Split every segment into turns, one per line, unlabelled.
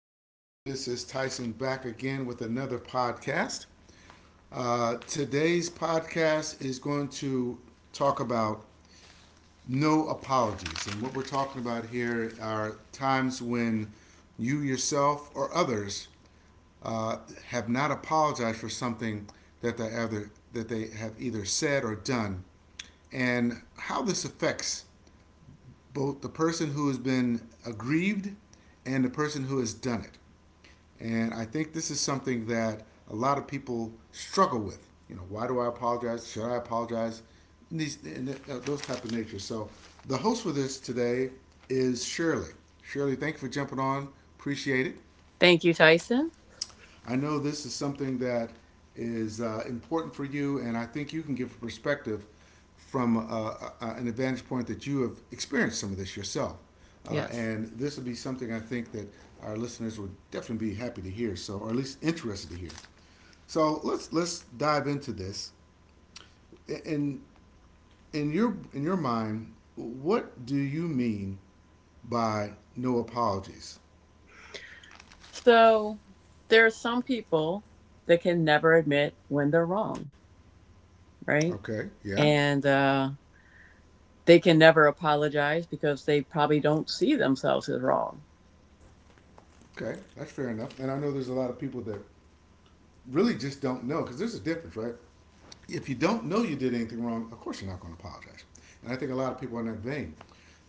folks. This is Tyson back again with another podcast. Today's podcast is going to talk about no apologies. And what we're talking about here are times when you yourself or others uh, have not apologized for something that that they have either said or done, and how this affects both the person who has been aggrieved and the person who has done it. And I think this is something that a lot of people struggle with. You know, why do I apologize? Should I apologize? And those type of natures. So the host for this today is Shirley. Shirley, thank you for jumping on. Appreciate it.
Thank you, Tyson.
I know this is something that is important for you, and I think you can give a perspective from an advantage point that you have experienced some of this yourself. Uh,
Yes.
and this would be something I think that our listeners would definitely be happy to hear, so or at least interested to hear. So let's dive into this. In in your mind, what do you mean by no apologies?
So there are some people that can never admit when they're wrong, right?
Okay, yeah,
And they can never apologize because they probably don't see themselves as wrong.
okay, that's fair enough. And I know there's a lot of people that really just don't know because there's a difference, right? If you don't know you did anything wrong, of course you're not going to apologize. And I think a lot of people are in that vein.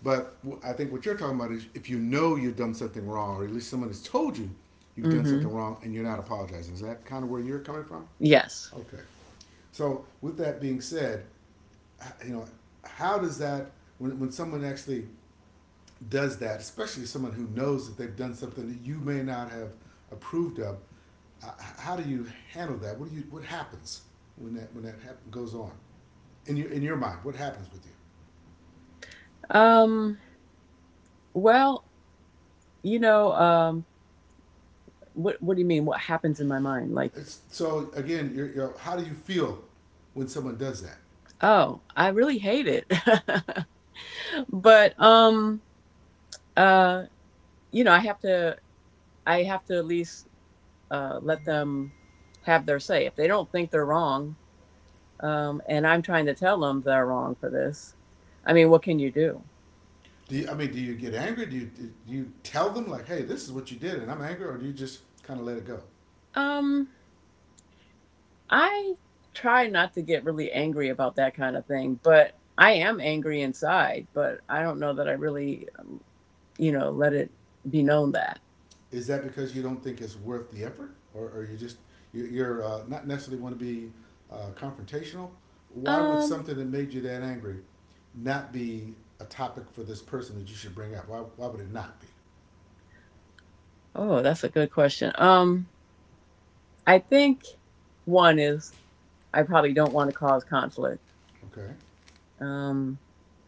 But I think what you're talking about is if you know you've done something wrong, or at least someone has told you you've done
Mm-hmm.
something wrong and you're not apologizing. Is that kind of where you're coming from?
Yes.
Okay. So with that being said, you know, how does that when someone actually does that, especially someone who knows that they've done something that you may not have approved of, uh, how do you handle that? What do you what happens goes on in your mind? What happens with you?
Um, well, you know, um, what do you mean? What happens in my mind? Like,
So again, how do you feel when someone does that?
oh, I really hate it, but uh, you know, I have to. I have to at least let them have their say. If they don't think they're wrong, and I'm trying to tell them they're wrong for this, I mean, what can you do?
Do you, I mean, do you get angry? Do you tell them like, hey, this is what you did, and I'm angry, or do you just kind of let it go?
Um, I try not to get really angry about that kind of thing, but I am angry inside, but I don't know that I really, you know, let it be known that.
Is that because you don't think it's worth the effort, or, or you are not necessarily want to be confrontational? Why would
Um,
something that made you that angry not be a topic for this person that you should bring up? Why would it not be?
oh, that's a good question. I think one is I probably don't want to cause conflict.
Okay.
Um,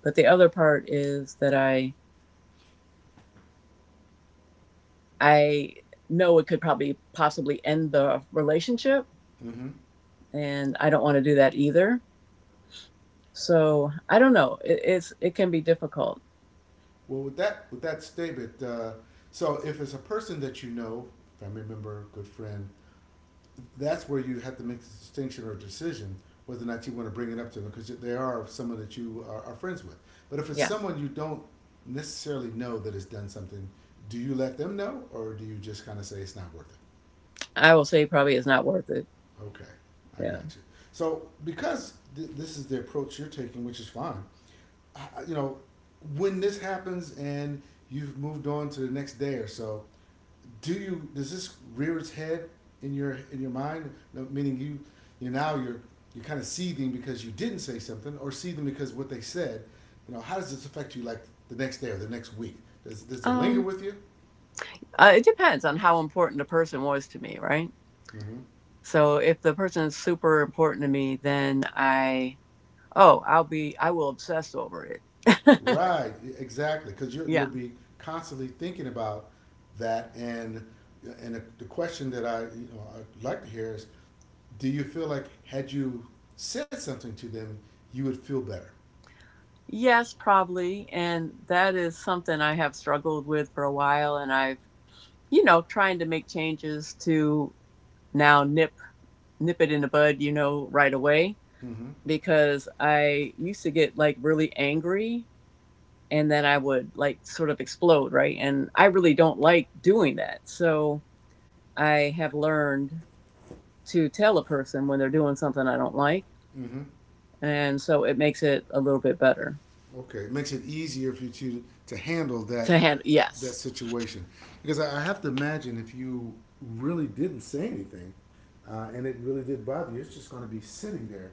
but the other part is that I know it could probably possibly end the relationship,
Mm-hmm.
and I don't want to do that either. So I don't know. It can be difficult.
Well, with that statement, so if it's a person that you know, family member, good friend, that's where you have to make a distinction or decision whether or not you want to bring it up to them because they are someone that you are friends with. But if it's
Yeah,
someone you don't necessarily know that has done something, do you let them know or do you just kind of say it's not worth it?
I will say probably it's not worth it.
Okay, I
Yeah.
got you. So because this is the approach you're taking, which is fine, I, you know, when this happens and you've moved on to the next day or so, do you does this rear its head in your mind? No. Meaning you you now you're kind of seething because you didn't say something, or seething because what they said. You know, how does this affect you? Like the next day or the next week? Does it linger
Um,
with you?
it depends on how important the person was to me, right?
Mm-hmm.
So if the person is super important to me, then I oh I'll be I will obsess over it.
Right, exactly, because you'll
Yeah.
be constantly thinking about that, and the question that I you know I'd like to hear is, do you feel like had you said something to them, you would feel better?
Yes, probably. And that is something I have struggled with for a while, and I've you know, trying to make changes to now nip it in the bud, you know, right away
Mm-hmm.
because I used to get like really angry and then I would like sort of explode, right? And I really don't like doing that. So I have learned to tell a person when they're doing something I don't like,
Mm-hmm.
and so it makes it a little bit better
Okay, it makes it easier for you to handle that
to handle.
that
Yes,
situation because I have to imagine if you really didn't say anything and it really did bother you, it's just going to be sitting there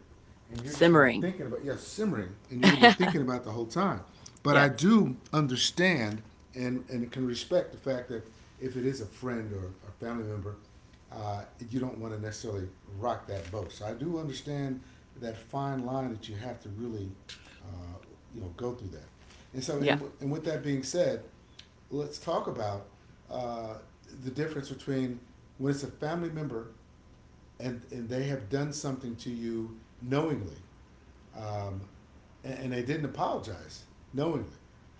and you're just going to be
simmering.
thinking about yeah simmering and you're going to be thinking about it the whole time. But I
Yes,
do understand and can respect the fact that if it is a friend or a family member, you don't want to necessarily rock that boat. So I do understand that fine line that you have to really uh, you know, go through that. And so,
yeah.
and with that being said, let's talk about uh, the difference between when it's a family member and they have done something to you knowingly, um, and they didn't apologize knowingly.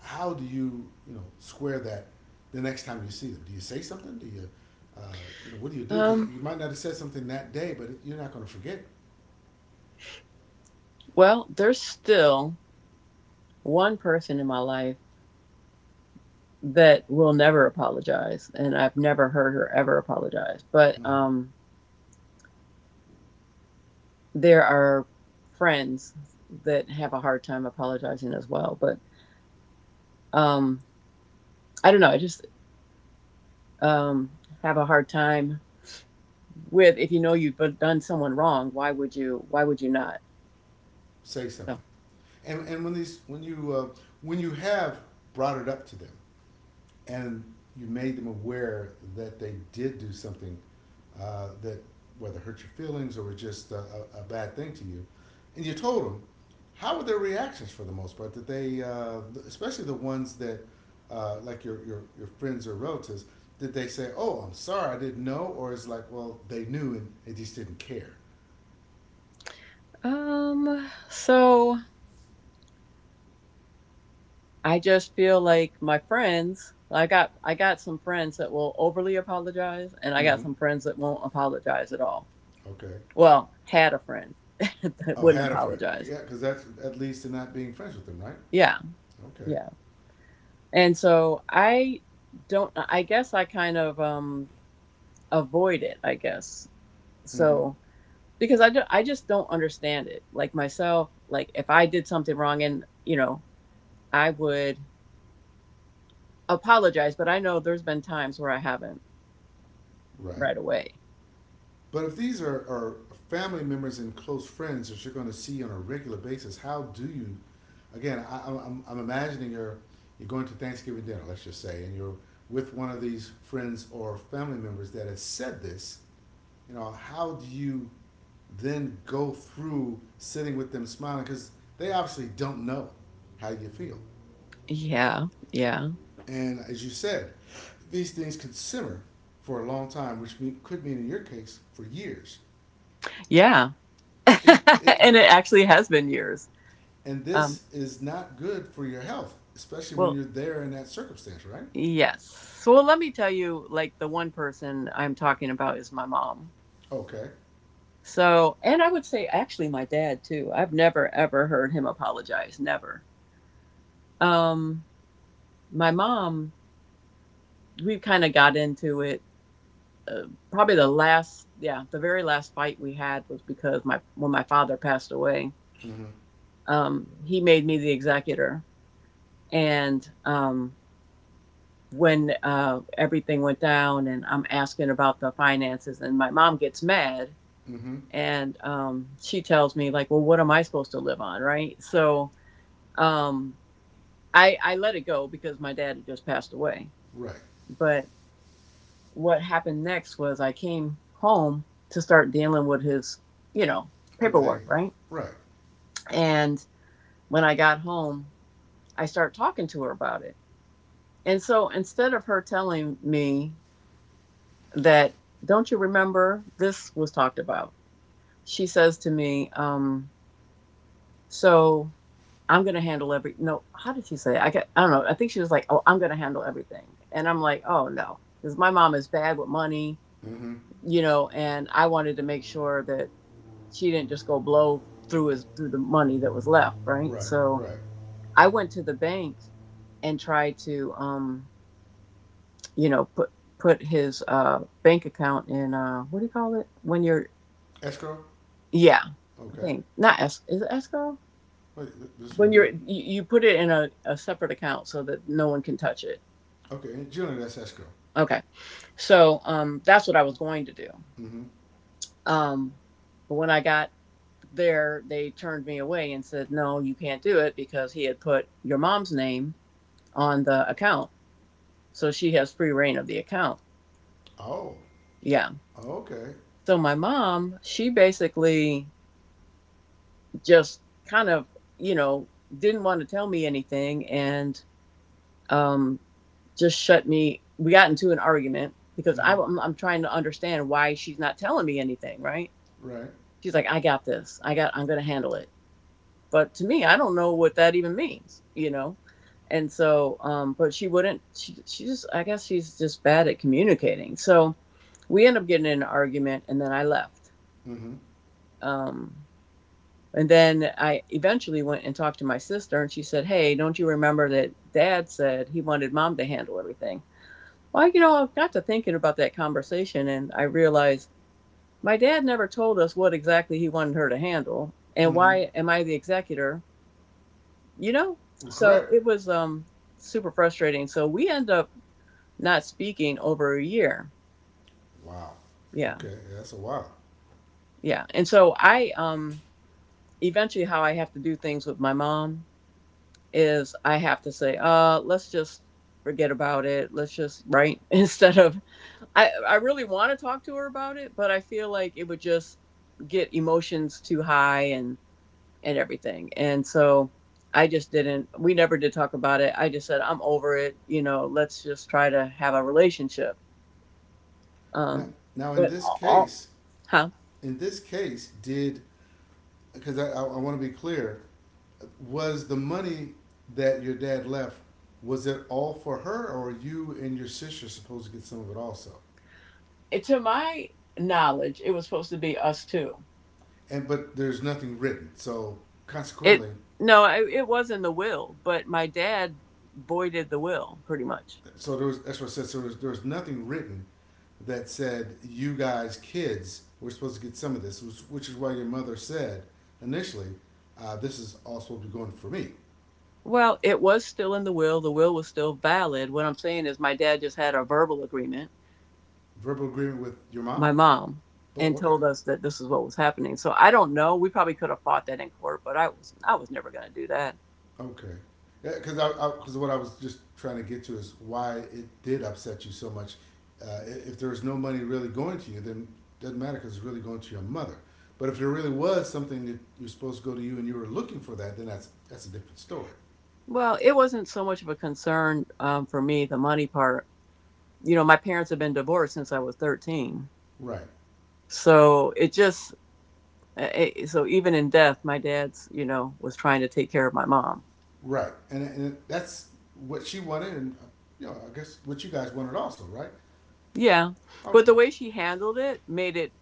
How do you, you know, square that the next time you see them? Do you say something? Do you, uh, you know, what do you do? Because
Um.
you might not have said something that day, but you're not going to forget.
Well, there's still one person in my life that will never apologize and I've never heard her ever apologize. But
Mm-hmm.
there are friends that have a hard time apologizing as well. But um I don't know, I just um have a hard time with if you know you've done someone wrong, why would you not?
Say something.
So
And when these when you have brought it up to them and you made them aware that they did do something that whether hurt your feelings or was just a bad thing to you, and you told them, how were their reactions for the most part? Did they, especially the ones that, like your friends or relatives, did they say, "Oh, I'm sorry, I didn't know," or is like, "Well, they knew and they just didn't care."
so I just feel like my friends I got some friends that will overly apologize and I got
Mm-hmm.
some friends that won't apologize at all.
Okay.
Well, had a friend that
Oh,
wouldn't
had a friend.
apologize.
Yeah, because that's at least in not being friends with them, right?
Yeah,
Okay,
yeah. And so I don't I guess I kind of avoid it, I guess.
mm-hmm,
So because I do, I just don't understand it. Like myself, like if I did something wrong and, you know, I would apologize, but I know there's been times where I haven't
right.
right away.
But if these are family members and close friends that you're going to see on a regular basis, how do you? Again, I'm imagining you're going to Thanksgiving dinner, let's just say, and you're with one of these friends or family members that has said this. You know, how do you then go through sitting with them smiling because they obviously don't know how you feel.
Yeah, yeah.
And as you said, these things could simmer for a long time, which could mean in your case for years.
Yeah.
It, it,
And it actually has been years.
and
Um
this is not good for your health, especially when
well,
you're there in that circumstance, right?
Yes. So well, let me tell you, like the one person I'm talking about is my mom.
Okay.
So, and I would say actually my dad too. I've never ever heard him apologize, never. Um, my mom, we kind of got into it. Uh, Probably the last, yeah, the very last fight we had was because my when my father passed away,
Mm-hmm.
he made me the executor, and when everything went down, and I'm asking about the finances, and my mom gets mad
Mm-hmm.
and she tells me like well what am I supposed to live on right so um, I let it go because my dad had just passed away,
Right.
but what happened next was I came home to start dealing with his you know paperwork
Everything.
right.
Right.
And when I got home I start talking to her about it, and so instead of her telling me that don't you remember this was talked about, she says to me So I'm gonna handle every. No, how did she say? It? I get, I don't know. I think she was like, "Oh, I'm gonna handle everything," and I'm like, "Oh no," because my mom is bad with money,
Mm-hmm.
you know, and I wanted to make sure that she didn't just go blow through his through the money that was left, right?
Right.
So
Right.
I went to the bank and tried to, you know, put his bank account in what do you call it when you're
Escrow.
yeah I
Okay.
think not es- is it escrow
Wait, this we
when
do
you're
it.
you, put it in a separate account so that no one can touch it.
Okay. And generally, that's escrow.
Okay so that's what I was going to do.
Mm-hmm.
Um but when I got there they turned me away and said no you can't do it because he had put your mom's name on the account so she has free reign of the account.
Oh.
Yeah
Okay.
so my mom she basically just kind of you know didn't want to tell me anything and um. just shut me. We got into an argument because I,
Mm-hmm.
am I'm trying to understand why she's not telling me anything. Right?
Right.
She's like, I got this. I got. I'm gonna handle it. But to me, I don't know what that even means. You know. And so, but she wouldn't. She just. I guess she's just bad at communicating. So we end up getting in an argument, and then I left.
Mm-hmm.
Um, and then I eventually went and talked to my sister, and she said, "Hey, don't you remember that Dad said he wanted Mom to handle everything?" Well, you know, I got to thinking about that conversation and I realized my dad never told us what exactly he wanted her to handle and
Mm-hmm.
why am I the executor, you know? So
Correct.
it was super frustrating. So we end up not speaking over a year.
Wow.
Yeah.
Okay, yeah, that's a wow.
Yeah. And so I eventually how I have to do things with my mom is I have to say, let's just forget about it. Let's just right instead of I really want to talk to her about it, but I feel like it would just get emotions too high and everything. And so I just didn't we never did talk about it. I just said I'm over it, you know, let's just try to have a relationship.
Now,
Um
now
but all huh?
in this case, did because I want to be clear, was the money that your dad left was it all for her, or you and your sister supposed to get some of it also?
It, to my knowledge, it was supposed to be us two.
And but there's nothing written, so
It
consequently,
no, I, it was in the will, but my dad voided the will pretty much.
so there was that's what I said. So there was nothing written that said you guys kids were supposed to get some of this, which is why your mother said initially, this is all supposed to be going for me.
Well, it was still in the will. The will was still valid. What I'm saying is, my dad just had a verbal agreement,
Verbal agreement with your mom?
my mom,
But
and
okay,
told us that this is what was happening. So I don't know. We probably could have fought that in court, but I was never going to do that.
okay, yeah, because I because what I was just trying to get to is why it did upset you so much. If there's no money really going to you, then it doesn't matter because it's really going to your mother. But if there really was something that you're supposed to go to you and you were looking for that, then that's a different story.
Well, it wasn't so much of a concern for me the money part. You know, my parents have been divorced since I was 13,
Right,
so it just it, so even in death, my dad's you know was trying to take care of my mom.
right, and that's what she wanted, and you know, I guess what you guys wanted also, right?
Yeah. But the
Okay,
way she handled it made it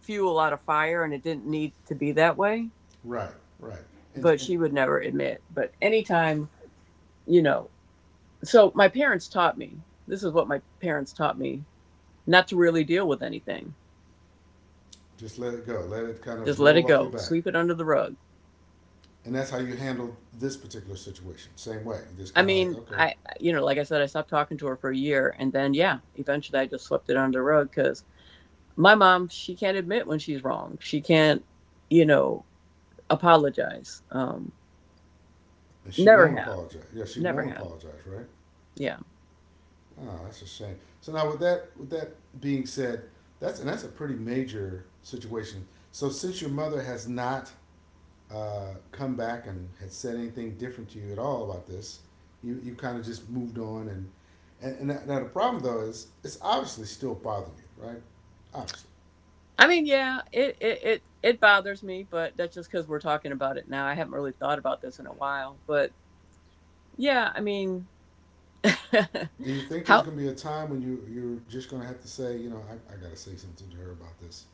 fuel out of fire and it didn't need to be that way.
right, right,
But
and
she would never admit. But anytime, you know, so my parents taught me this is what my parents taught me not to really deal with anything,
just let it go, let it kind
just
of
let it
roll off your
go,
back.
sweep it under the rug.
And that's how you handle this particular situation. Same way. You just
I
kind of like,
mean,
okay.
I, you know, like I said, I stopped talking to her for a year and then, yeah, eventually I just swept it under the rug because my mom, she can't admit when she's wrong. She can't, you know, apologize.
And she
Never
won't
have,
apologize. Yeah, she
never
won't
have.
apologize, right?
Yeah.
Oh, that's a shame. So now with that being said, that's and that's a pretty major situation. So since your mother has not come back and had said anything different to you at all about this, you kind of just moved on and that, now the problem though is it's obviously still bothering you, right? Obviously.
I mean, yeah, it bothers me, but that's just because we're talking about it now. I haven't really thought about this in a while, but yeah, I mean,
Do you think there's
how
gonna be a time when you're just gonna have to say, you know, I gotta say something to her about this?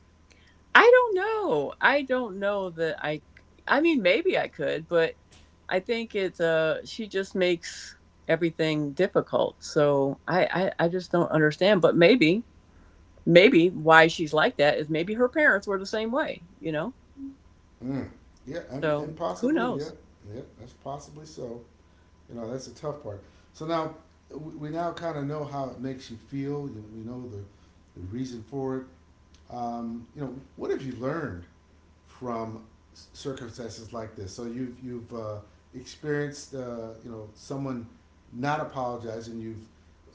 I don't know. I don't know that I. I mean, maybe I could, but I think it's she just makes everything difficult. So I just don't understand. But maybe maybe why she's like that is maybe her parents were the same way. You know.
Mm. Yeah,
So
and
who
possibly, yeah,
knows?
yeah, that's possibly so. You know, that's the tough part. So now we now kind of know how it makes you feel. You, we know the reason for it. You know, what have you learned from circumstances like this. So you've experienced you know someone not apologizing. You've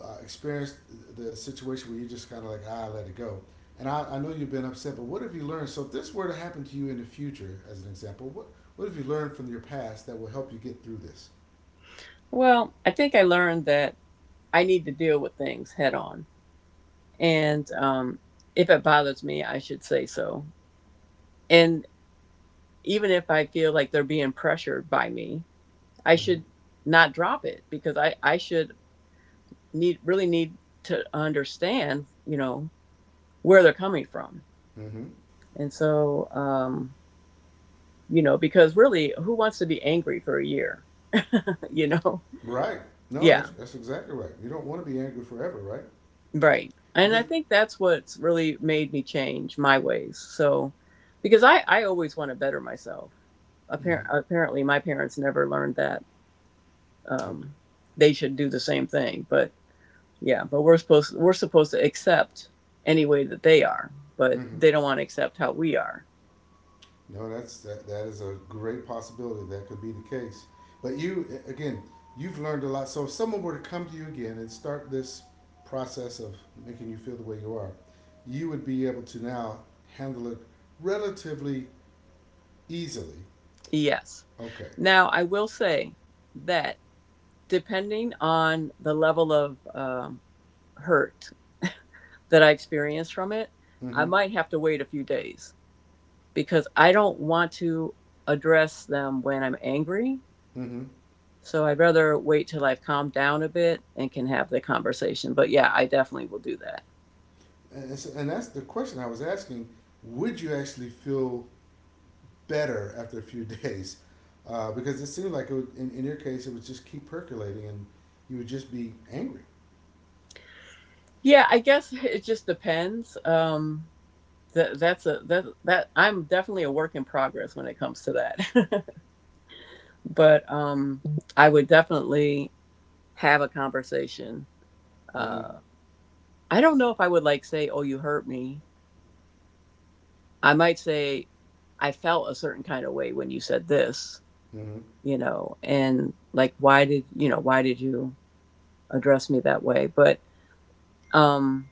experienced the situation where you just kind of like ah, let it go. And I know you've been upset, but what have you learned? So if this were to happen to you in the future, as an example, what have you learned from your past that will help you get through this?
Well, I think I learned that I need to deal with things head on. And if it bothers me, I should say so. And even if I feel like they're being pressured by me, I
Mm-hmm.
should not drop it because I should need really need to understand, you know, where they're coming from.
Mm-hmm.
And so, you know, because really, who wants to be angry for a year? You know?
Right. No,
Yeah.
that's exactly right. You don't want to be angry forever, right?
Right. And I
Because
think that's what's really made me change my ways. So, because I always want to better myself.
mm-hmm,
Appar- apparently, my parents never learned that
okay.
um, they should do the same thing. But yeah, but we're supposed to accept any way that they are, but
Mm-hmm.
they don't want to accept how we are.
No, that's that. That is a great possibility. That could be the case. But you, again, you've learned a lot. So if someone were to come to you again and start this process of making you feel the way you are, you would be able to now handle it relatively easily.
Yes.
Okay.
Now, I will say that depending on the level of hurt that I experienced from it, I
Mm-hmm.
might have to wait a few days because I don't want to address them when I'm angry.
Mm-hmm.
So I'd rather wait till I've calmed down a bit and can have the conversation. But yeah, I definitely will do that.
And, and that's the question I was asking. Would you actually feel better after a few days? Because it seemed like it would, in your case, it would just keep percolating, and you would just be angry.
Yeah, I guess it just depends. That I'm definitely a work in progress when it comes to that. But I would definitely have a conversation.
Mm-hmm.
Uh I don't know if I would like say, "Oh, you hurt me." I might say, "I felt a certain kind of way when you said this."
Mm-hmm.
you know and like why did why did you address me that way but um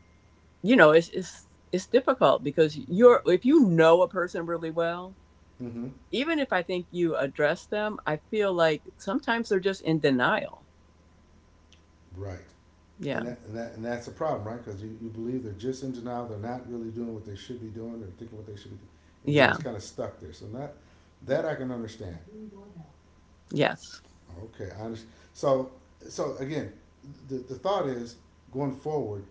you know it's it's it's difficult because you're if you know a person really well,
Mm-hmm.
even if I think you address them, I feel like sometimes they're just in denial.
Right.
Yeah.
And that and that's a problem, right? Because you believe they're just in denial, they're not really doing what they should be doing, they're thinking what they should be doing, and you're
Yeah.
just kind of stuck there. So that I can understand.
Yes.
Okay, I understand. So so again, the thought is going forward,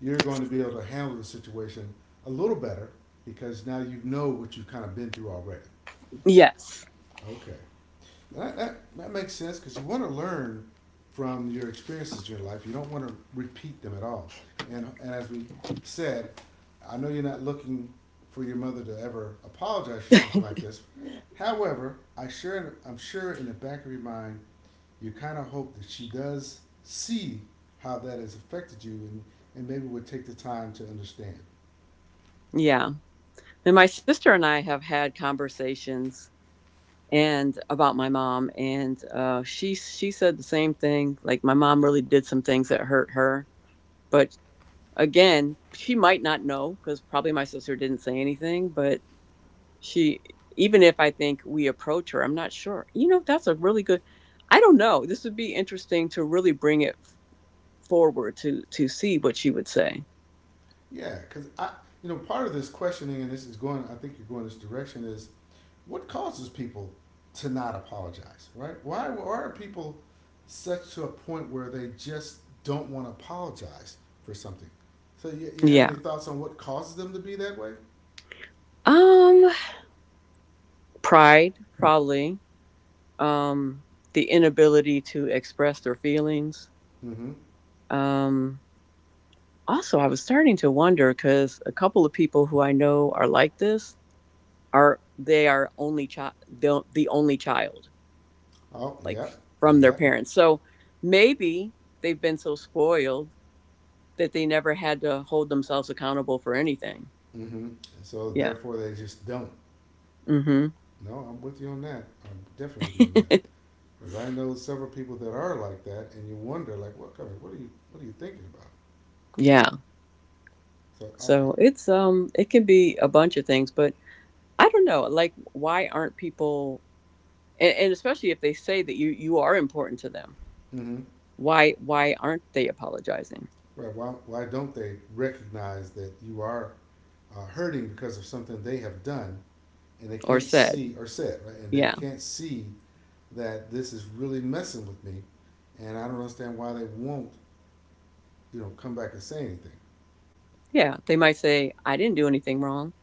you're going to be able to handle the situation a little better because now you know what you've kind of been through already.
Yes.
Okay. That makes sense because you want to learn from your experiences in your life. You don't want to repeat them at all. And as we said, I know you're not looking for your mother to ever apologize for something like this. However, I'm sure in the back of your mind, you kind of hope that she does see how that has affected you and maybe would take the time to understand.
Yeah, and my sister and I have had conversations and about my mom, and she said the same thing. Like, my mom really did some things that hurt her. But. Again, she might not know because probably my sister didn't say anything, but she, even if I think we approach her, I'm not sure. You know, that's a really good, I don't know. This would be interesting to really bring it forward to see what she would say.
Yeah, because you know, part of this questioning and this is going, I think you're going this direction is what causes people to not apologize, right? Why are people such to a point where they just don't want to apologize for something? So you have any
Yeah.
thoughts on what causes them to be that way?
Um Pride probably. um, the inability to express their feelings.
Mm-hmm.
Um, Also, I was starting to wonder because a couple of people who I know are like this are they are only child, the only child,
Oh,
like,
yep,
from their
yep.
parents. So maybe they've been so spoiled that they never had to hold themselves accountable for anything.
Mm-hmm. So
Yeah.
therefore, they just don't.
hmm
No, I'm with you on that. I'm definitely with you on that. Because I know several people that are like that, and you wonder, like, what kind of- what are you thinking about?
yeah.
So okay,
So it's it can be a bunch of things, but I don't know, like, why aren't people, and especially if they say that you are important to them,
mm-hmm,
why aren't they apologizing
right? Why don't they recognize that you are hurting because of something they have done and they
or
can't
said.
see or said, right? And they
Yeah.
can't see that this is really messing with me and I don't understand why they won't, you know, come back and say anything.
Yeah, they might say I didn't do anything wrong.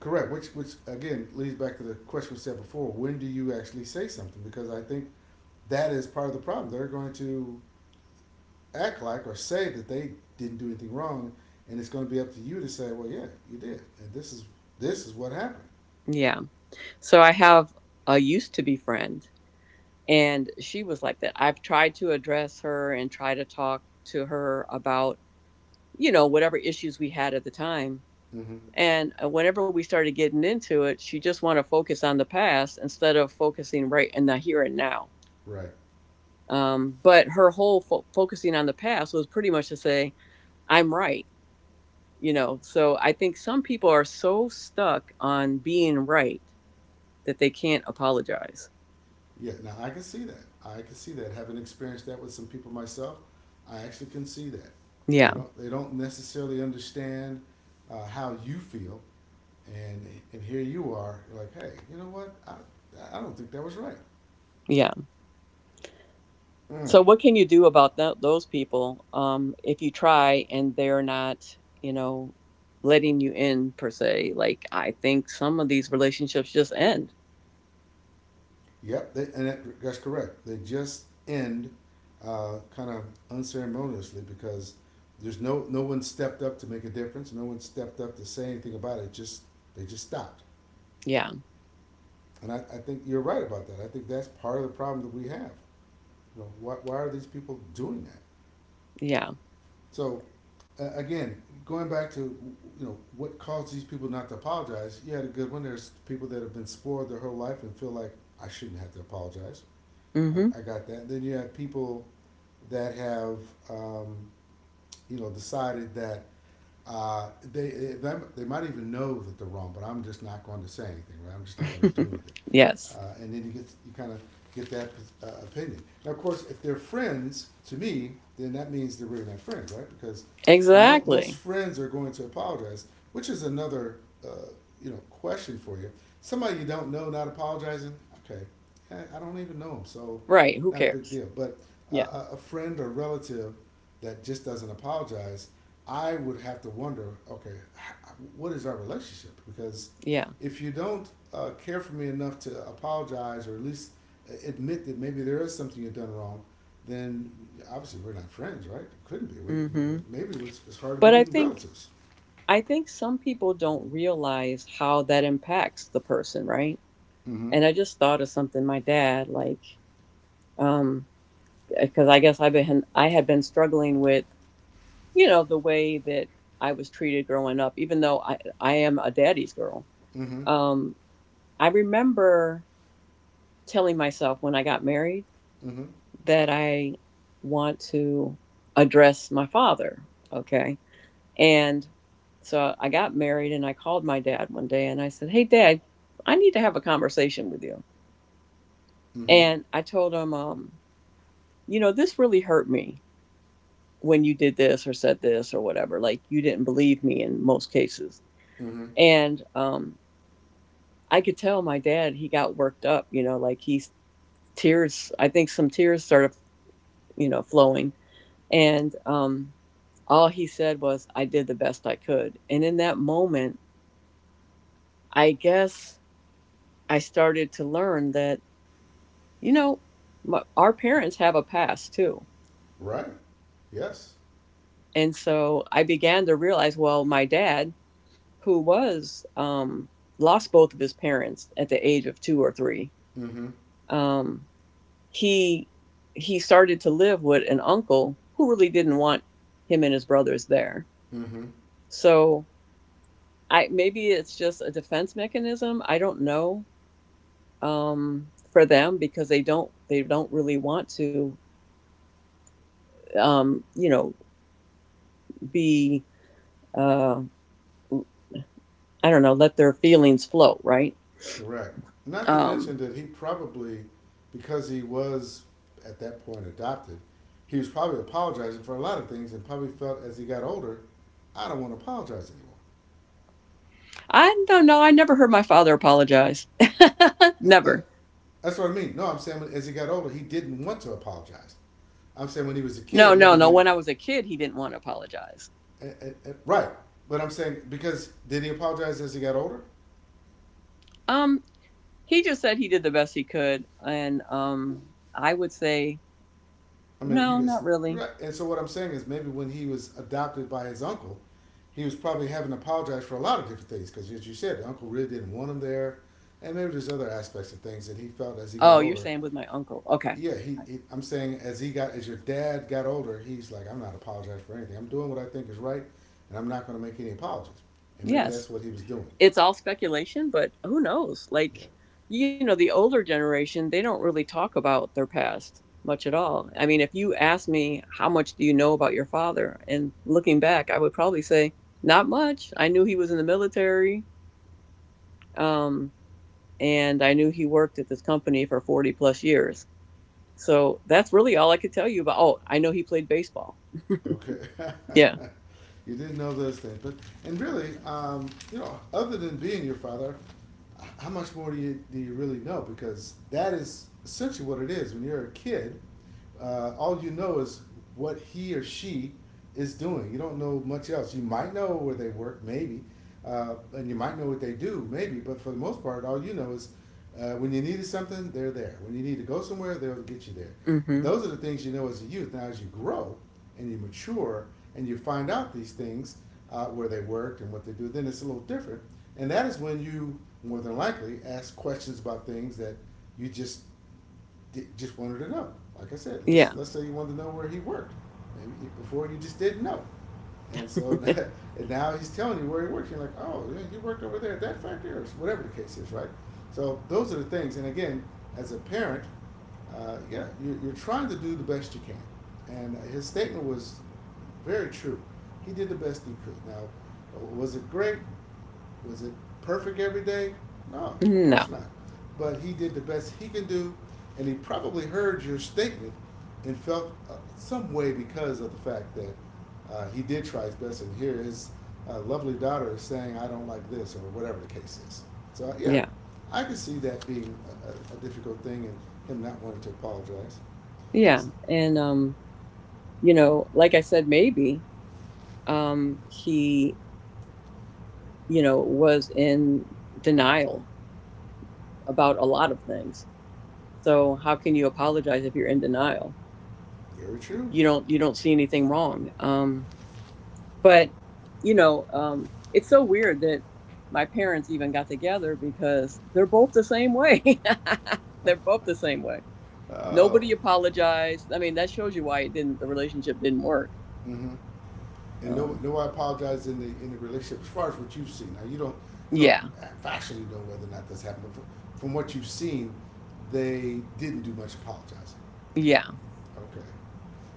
Correct, which again leads back to the question we said before, when do you actually say something? Because I think that is part of the problem. They're going to act like or say that they didn't do anything wrong, and it's going to be up to you to say, well, yeah, you did, and this is what happened.
Yeah, so I have a used to be friend, and she was like that. I've tried to address her and try to talk to her about, you know, whatever issues we had at the time.
Mm-hmm.
And whenever we started getting into it, she just wanted to focus on the past instead of focusing right in the here and now.
Right.
But her whole focusing on the past was pretty much to say I'm right. You know, so I think some people are so stuck on being right that they can't apologize.
Yeah, now I can see that. I can see that. Having experienced that with some people myself, I actually can see that.
Yeah.
They don't necessarily understand how you feel, and and here you are. You're like, hey, you know what? I don't think that was right.
Yeah,
Mm.
so what can you do about those people, if you try and they're not, you know, letting you in per se? Like, I think some of these relationships just end.
Yep, and that's correct. They just end kind of unceremoniously because there's no one stepped up to make a difference. No one stepped up to say anything about it. Just they just stopped.
Yeah.
And I think you're right about that. I think that's part of the problem that we have. You know, why are these people doing that?
Yeah.
So again, going back to you know what caused these people not to apologize. You had a good one. There's people that have been spoiled their whole life and feel like I shouldn't have to apologize.
hmm
I got that. And then you have people that have um, you know decided that Uh, they, they might even know that they're wrong, but I'm just not going to say anything, right? I'm just not going to do anything.
yes.
And then you get you kind of get that opinion. Now, of course, if they're friends to me, then that means they're really not friends, right? Because mo- most
Exactly.
friends are going to apologize, which is another uh, you know question for you. Somebody you don't know not apologizing, okay, don't even know them, so
Right, who
not a big
cares?
deal. But
Yeah.
a friend or relative that just doesn't apologize I would have to wonder, okay, what is our relationship? Because
Yeah.
if you don't care for me enough to apologize or at least admit that maybe there is something you've done wrong, then obviously we're not friends, right? Couldn't be. We,
Mm-hmm.
maybe it's hard to
But
be
I
even
think,
relatives.
I think some people don't realize how that impacts the person, right?
Mm-hmm.
And I just thought of something. My dad, like, um because I guess I had been struggling with, you know, the way that I was treated growing up, even though I am a daddy's girl.
Mm-hmm.
Um I remember telling myself when I got married
Mm-hmm.
that I want to address my father, okay? And so I got married, and I called my dad one day, and I said, "Hey, dad, I need to have a conversation with you."
Mm-hmm.
And I told him, you know, this really hurt me when you did this or said this or whatever. Like, you didn't believe me in most cases.
Mm-hmm.
And I could tell my dad, he got worked up, you know, like he's tears, I think some tears started, you know, flowing. And all he said was, I did the best I could. And in that moment, I guess I started to learn that, you know, my, our parents have a past too.
Right. Yes.
And so I began to realize, well, my dad, who was, lost both of his parents at the age of two or three,
Mm-hmm.
um, he, he started to live with an uncle who really didn't want him and his brothers there.
Mm-hmm.
So I, maybe it's just a defense mechanism. I don't know, for them, because they don't really want to, you know, be uh, I don't know, let their feelings flow, right?
Correct. Not to mention
Um,
that he probably, because he was at that point adopted, he was probably apologizing for a lot of things and probably felt as he got older, I don't want to apologize anymore.
I don't know. I never heard my father apologize.
That-
Never.
that's what I mean. No, I'm saying when, as he got older, he didn't want to apologize. I'm saying when he was a kid
No, no,
living
no.
in,
When I was a kid, he didn't want to apologize.
eh, eh, eh, right. But I'm saying because did he apologize as he got older?
Um, he just said he did the best he could, and I would say
I mean, you
no,
can.
not really.
Right. And so what I'm saying is maybe when he was adopted by his uncle, he was probably having to apologize for a lot of different things because, as you said, the uncle really didn't want him there, and maybe there's other aspects of things that he felt as he got
Oh, you're
older.
saying with my uncle? Okay.
Yeah, he, he. I'm saying as he got as your dad got older, he's like, I'm not apologizing for anything. I'm doing what I think is right, and I'm not going to make any apologies. And maybe
Yes.
that's what he was doing.
It's all speculation, but who knows?
Yeah.
Like, you know, the older generation, they don't really talk about their past much at all. I mean, if you ask me, how much do you know about your father? And looking back, I would probably say, not much. I knew he was in the military, um, and I knew he worked at this company for 40 plus years. So that's really all I could tell you about. Oh, I know he played baseball.
Okay.
Yeah.
You didn't know those things, but and really, you know, other than being your father, how much more do you really know? Because that is essentially what it is. When you're a kid, all you know is what he or she is doing. You don't know much else. You might know where they work, maybe, and you might know what they do, maybe. But for the most part, all you know is when you needed something, they're there. When you need to go somewhere, they'll get you there.
hmm
Those are the things you know as a youth. Now, as you grow, and you mature and you find out these things where they worked and what they do, then it's a little different. And that is when you more than likely ask questions about things that you just wanted to know. Like I said, let's
Yeah.
let's say you wanted to know where he worked. Maybe before you just didn't know. And so and now he's telling you where he worked. You're like, oh, yeah, he worked over there at that factory or whatever the case is, right? So those are the things. And again, as a parent, yeah, you're trying to do the best you can. And his statement was very true. He did the best he could. Now, was it great? Was it perfect every day? No, of course
No.
not. But he did the best he can do, and he probably heard your statement and felt some way because of the fact that he did try his best. And here his lovely daughter is saying, "I don't like this," or whatever the case is. So yeah,
Yeah.
I could see that being a, difficult thing, and him not wanting to apologize.
Yeah.
It's
And you know, like I said, maybe. He, you know, was in denial about a lot of things. So how can you apologize if you're in denial?
very true.
You don't, you don't see anything wrong. But you know, it's so weird that my parents even got together because they're both the same way. They're both the same way.
Oh.
Nobody apologized. I mean, that shows you why it didn't, the relationship didn't work.
Mm-hmm. And no,
Um,
no, I apologize in the relationship. As far as what you've seen, now you don't
yeah,
factually know whether or not that's happened, but from what you've seen, they didn't do much apologizing.
yeah.
Okay,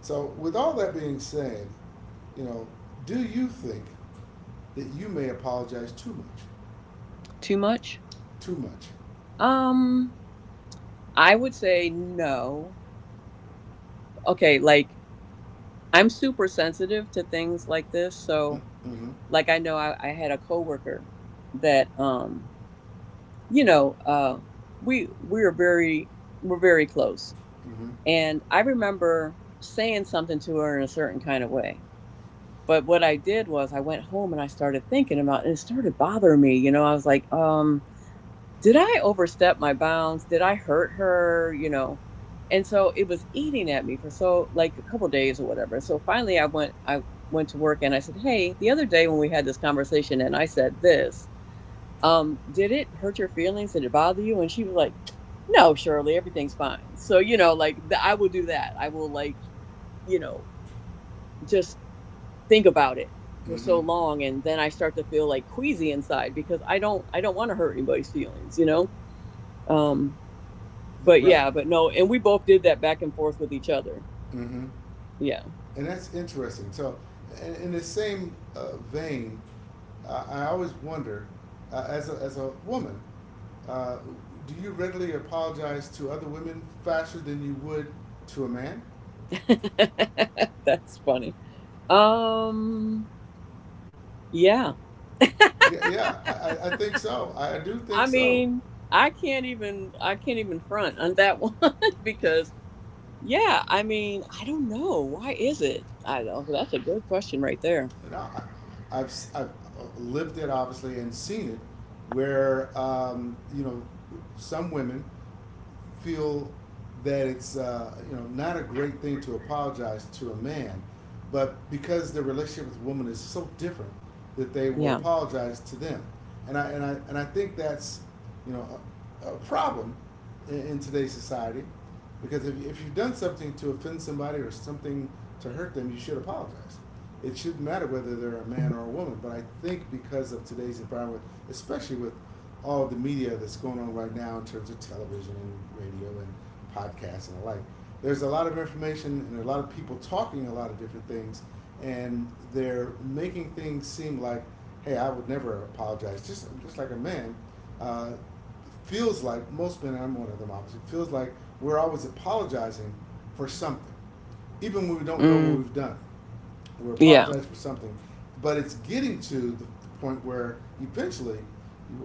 so with all that being said, you know, do you think that you may apologize too much,
Too much.
too much?
Um, I would say no, okay, like, I'm super sensitive to things like this, so,
Mm-hmm. Mm-hmm.
like, I had a coworker that you know we we're very we're very close.
Mm-hmm.
And I remember saying something to her in a certain kind of way, but what I did was, I went home and I started thinking about, and it started bothering me. You know, I was like, did I overstep my bounds? Did I hurt her? You know, and so it was eating at me for so, like, a couple of days or whatever. So finally, I went to work and I said, hey, the other day when we had this conversation and I said this, did it hurt your feelings? Did it bother you? And she was like, no, Shirley, everything's fine. So you know, like I will do that. I will like, you know, just think about it for
Mm-hmm.
so long and then I start to feel, like, queasy inside, because I don't, I don't want to hurt anybody's feelings, you know. um but
Right.
yeah, but no, and we both did that back and forth with each other.
Mm-hmm.
Yeah.
And that's interesting. So, in the same vein, I always wonder, as as a woman, uh, do you readily apologize to other women faster than you would to a man?
That's funny. Um yeah.
Yeah, yeah, I think so. I do think
I
so.
mean, I can't even, I can't even front on that one,
you
because yeah, I mean, I don't know. Why is it? I don't, that's a good question right there.
know, I, I've lived it obviously and seen it, where some women feel that it's not a great thing to apologize to a man, but because their relationship with a woman is so different, that they will
Yeah.
apologize to them, and I think that's you know a problem in today's society, because if you've done something to offend somebody or something to hurt them, you should apologize. It shouldn't matter whether they're a man or a woman. But I think because of today's environment, especially with all the media that's going on right now in terms of television and radio and podcasts and the like, there's a lot of information and a lot of people talking a lot of different things, and they're making things seem like, hey, I would never apologize. Just like a man. Uh, Feels like most men, I'm one of them obviously, feels like we're always apologizing for something. Even when we don't know what
Mm,
we've done, we're
yeah.
apologizing for something, but it's getting to the point where eventually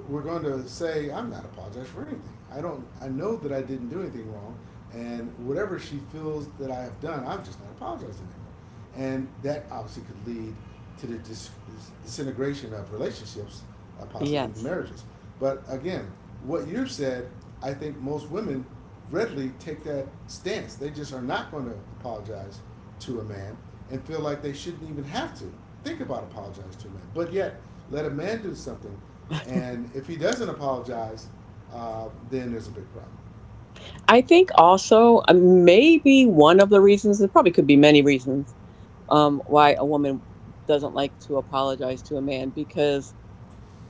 we're going to say, I'm not apologized for anything. I don't. I know that I didn't do anything wrong, and whatever she feels that I have done, I'm just not apologizing anymore. And that obviously could lead to the disintegration of relationships, possibly even
Yes.
marriages. But again, what you've said, I think most women readily take that stance. They just are not going to apologize to a man and feel like they shouldn't even have to think about apologizing to a man. But yet, let a man do something, and if he doesn't apologize, then there's a big problem.
I think also maybe one of the reasons, there probably could be many reasons, why a woman doesn't like to apologize to a man, because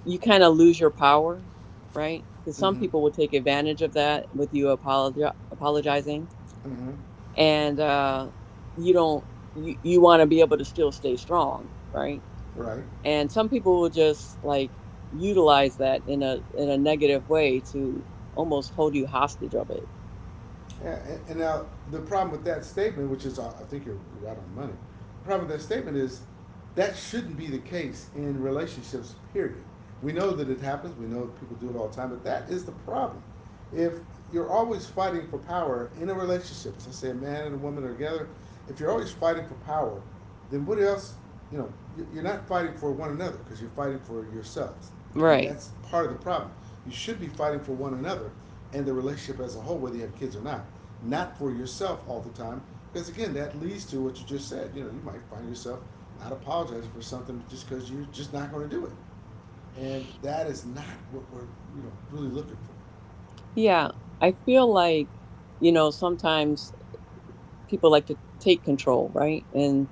you kind of lose your power, right? Because some
Mm-hmm.
people will take advantage of that with you apologizing,
Mm-hmm.
and you don't. You want to be able to still stay strong, right?
Right.
And some people will just, like, utilize that in a, in a negative way to almost hold you hostage of it,
Yeah, and now the problem with that statement, which is, I think you're right on the money. The problem with that statement is that shouldn't be the case in relationships. Period. We know that it happens. We know people do it all the time. But that is the problem. If you're always fighting for power in a relationship, so say a man and a woman are together, if you're always fighting for power, then what else? You know, you- are not fighting for one another because you're fighting for yourselves, and
right?
that's part of the problem. You should be fighting for one another and the relationship as a whole, whether you have kids or not, not for yourself all the time. Because again, that leads to what you just said. You know, you might find yourself not apologizing for something just because you're just not going to do it, and that is not what we're really looking for.
Yeah, I feel like, you know, sometimes people like to take control, right? And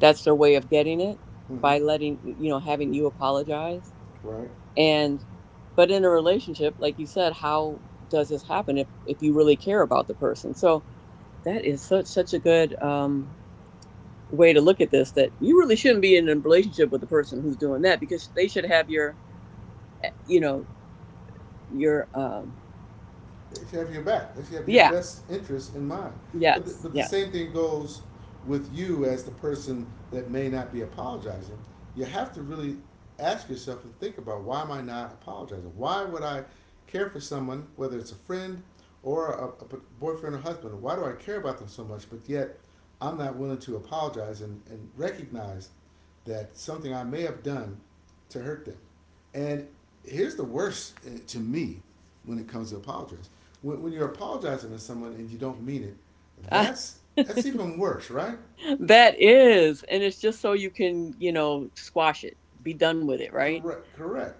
that's their way of getting it by
Mm-hmm.
letting, you know, having you apologize.
Right.
And but in a relationship, like you said, how does this happen if you really care about the person? So that is such, such a good way to look at this, that you really shouldn't be in a relationship with the person who's doing that, because they should have your eh, you know, your
They should have your back. They should have your
yeah,
best interest in mind. But the,
yes,
but the
yes.
same thing goes with you as the person that may not be apologizing. You have to really ask yourself and think about, why am I not apologizing? Why would I care for someone, whether it's a friend or a boyfriend or husband? Why do I care about them so much, but yet I'm not willing to apologize and recognize that something I may have done to hurt them. And here's the worst, to me, when it comes to apologize. When you're apologizing to someone and you don't mean it, that's even worse, right?
That is, and it's just so you can, you know, squash it, be done with it, right?
Correct, correct.